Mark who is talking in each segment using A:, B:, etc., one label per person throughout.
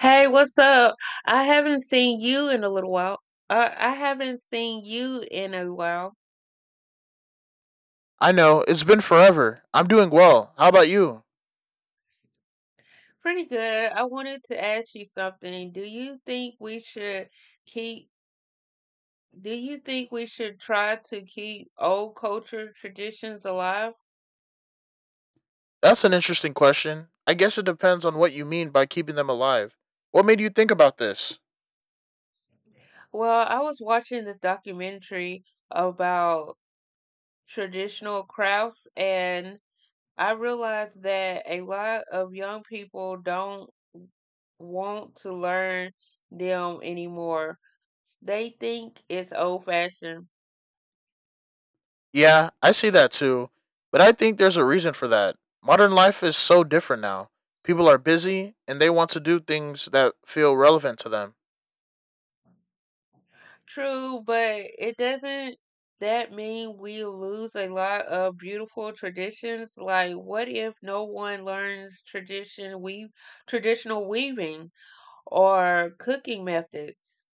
A: Hey, what's up? I haven't seen you in a little while. I haven't seen you in a while.
B: I know, it's been forever. I'm doing well. How about you?
A: Pretty good. I wanted to ask you something. Do you think we should keep, do you think we should try to keep old culture traditions alive?
B: That's an interesting question. I guess it depends on what you mean by keeping them alive. What made you think about this?
A: Well, I was watching this documentary about traditional crafts, and I realized that a lot of young people don't. Want to learn them anymore. They think it's old fashioned.
B: Yeah, I see that too. But I think there's a reason for that. Modern life is so different now. People are busy and they want to do things that feel relevant to them.
A: True, but it doesn't that mean we lose a lot of beautiful traditions? Like what if no one learns traditional weaving or cooking methods?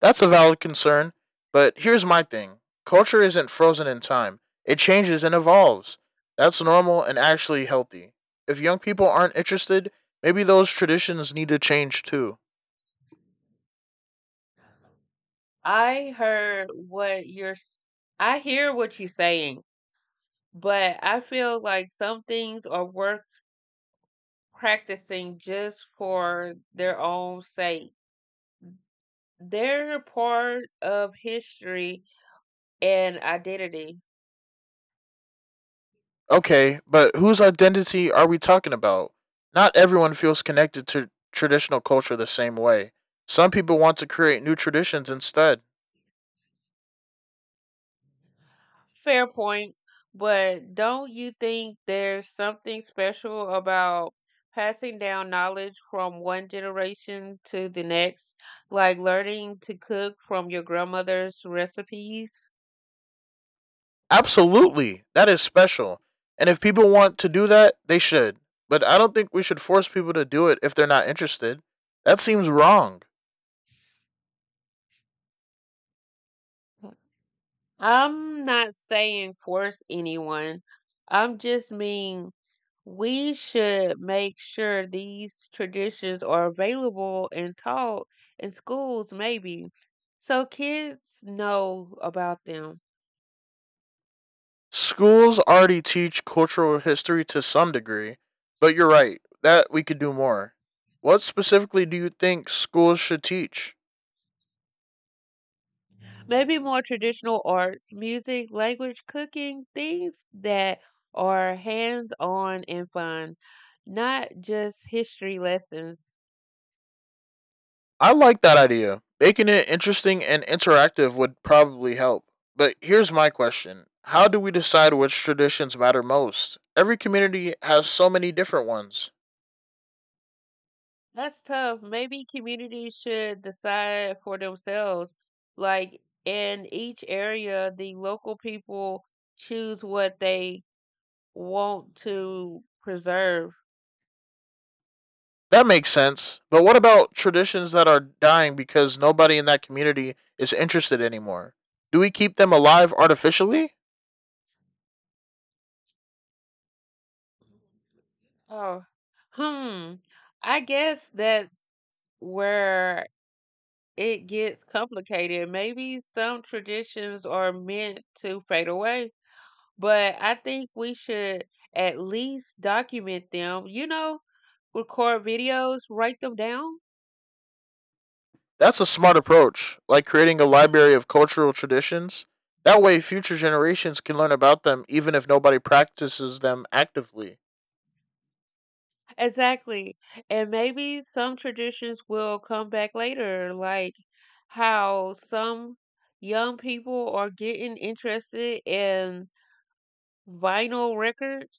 B: That's a valid concern, but here's my thing culture isn't frozen in time, it changes and evolves. That's normal and actually healthy. If young people aren't interested, maybe those traditions need to change too.
A: I heard what you're s- I hear what you're saying, but I feel like some things are worth practicing just for their own sake. They're a part of history and identity.
B: Okay, but whose identity are we talking about? Not everyone feels connected to traditional culture the same way. Some people want to create new traditions instead.
A: Fair point, but don't you think there's something special about passing down knowledge from one generation to the next, like learning to cook from your grandmother's recipes?
B: Absolutely, that is special. And if people want to do that, they should. But I don't think we should force people to do it if they're not interested. That seems wrong.
A: I'm not saying force anyone. I'm just mean we should make sure these traditions are available and taught in schools maybe, so kids know about them.
B: Schools already teach cultural history to some degree, but you're right, that we could do more. What specifically do you think schools should teach?
A: Maybe more traditional arts, music, language, cooking, things that are hands-on and fun, not just history lessons.
B: I like that idea. Making it interesting and interactive would probably help. But here's my question: how do we decide which traditions matter most? Every community has so many different ones.
A: That's tough. Maybe communities should decide for themselves. Like in each area, the local people choose what they want to preserve.
B: That makes sense. But what about traditions that are dying because nobody in that community is interested anymore? Do we keep them alive artificially?
A: Oh, hmm. I guess that where it gets complicated. Maybe some traditions are meant to fade away, but I think we should at least document them. You know, record videos, write them down.
B: That's a smart approach, like creating a library of cultural traditions. That way, future generations can learn about them even if nobody practices them actively.
A: Exactly. And maybe some traditions will come back later, like how some young people are getting interested in vinyl records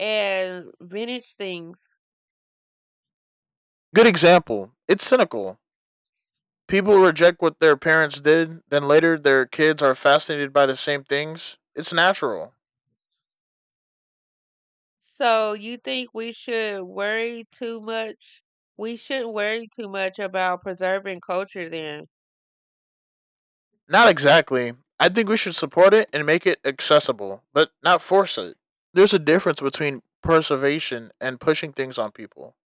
A: and vintage things.
B: Good example. It's cynical. People reject what their parents did, then later their kids are fascinated by the same things. It's natural.
A: So you think we should worry too much? We shouldn't worry too much about preserving culture then.
B: Not exactly. I think we should support it and make it accessible, but not force it. There's a difference between preservation and pushing things on people.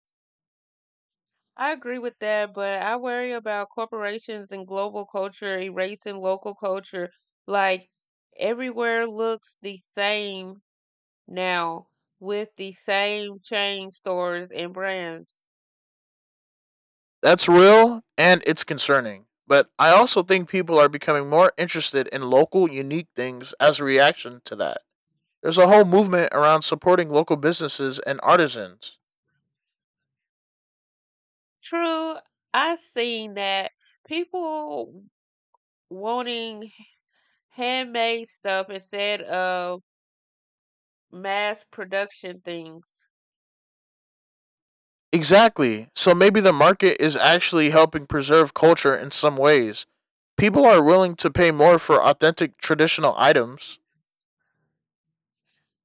A: I agree with that, but I worry about corporations and global culture erasing local culture. Like everywhere looks the same now, with the same chain stores and brands.
B: That's real and it's concerning. But I also think people are becoming more interested in local, unique things as a reaction to that. There's a whole movement around supporting local businesses and artisans.
A: True, I've seen that, people wanting handmade stuff instead of mass production things.
B: Exactly. So maybe the market is actually helping preserve culture in some ways. People are willing to pay more for authentic traditional items.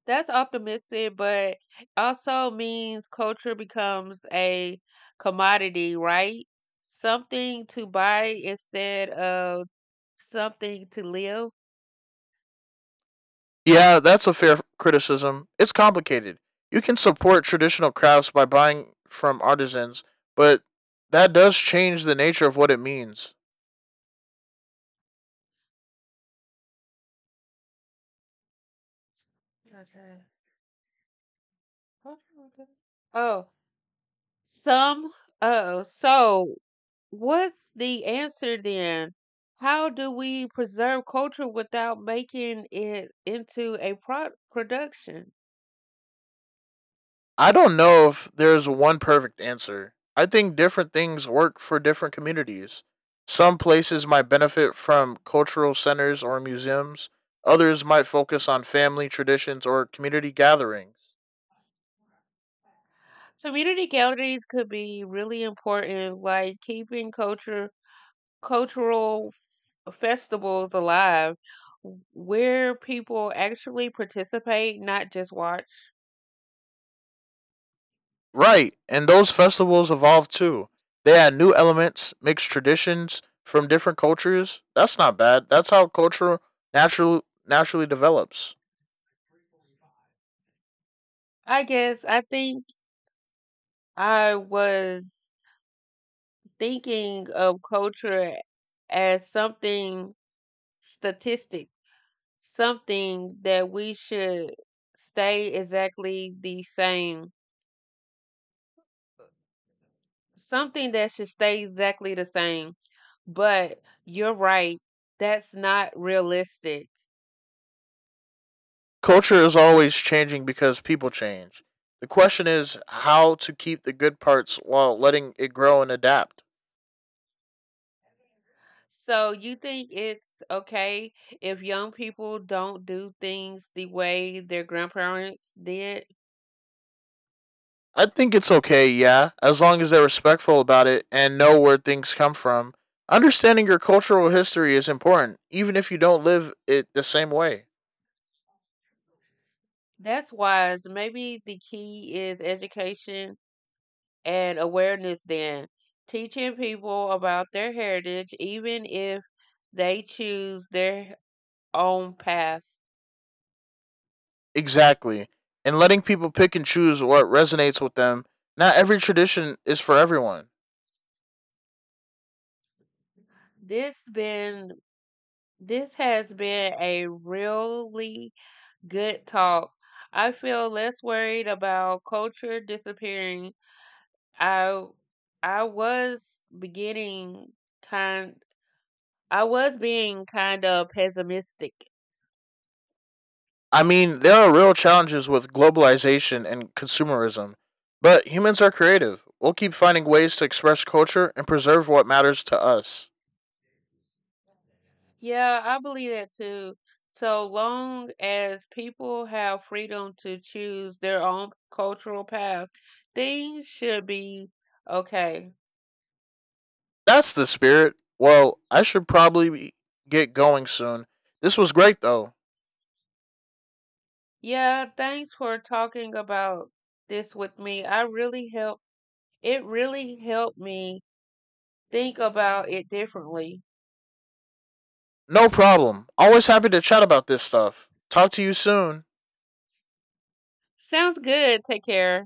A: That's optimistic, but also means culture becomes a commodity, right? Something to buy instead of something to live.
B: Yeah, that's a fair criticism. It's complicated. You can support traditional crafts by buying from artisans, but that does change the nature of what it means.
A: Okay. Oh, some. Oh, so what's the answer then? How do we preserve culture without making it into a production?
B: I don't know if there's one perfect answer. I think different things work for different communities. Some places might benefit from cultural centers or museums, others might focus on family traditions or community gatherings.
A: Community galleries could be really important, like keeping culture cultural f- festivals alive where people actually participate, not just watch.
B: Right, and those festivals evolve too. They add new elements, mix traditions from different cultures. That's not bad. That's how culture naturally develops.
A: I guess I was thinking of culture as something statistic, something that we should stay exactly the same, something that should stay exactly the same. But you're right, that's not realistic.
B: Culture is always changing because people change. The question is how to keep the good parts while letting it grow and adapt.
A: So you think it's okay if young people don't do things the way their grandparents did?
B: I think it's okay, yeah, as long as they're respectful about it and know where things come from. Understanding your cultural history is important, even if you don't live it the same way.
A: That's wise. Maybe the key is education and awareness then. Teaching people about their heritage even if they choose their own path.
B: Exactly. And letting people pick and choose what resonates with them. Not every tradition is for everyone.
A: This been this has been a really good talk. I feel less worried about culture disappearing. I I was beginning kind I was being kind of pessimistic.
B: I mean, there are real challenges with globalization and consumerism, but humans are creative. We'll keep finding ways to express culture and preserve what matters to us.
A: Yeah, I believe that too. So long as people have freedom to choose their own cultural path, things should be okay.
B: That's the spirit. Well, I should probably be- get going soon. This was great, though.
A: Yeah, thanks for talking about this with me. I really helped It really helped me think about it differently.
B: No problem. Always happy to chat about this stuff. Talk to you soon.
A: Sounds good. Take care.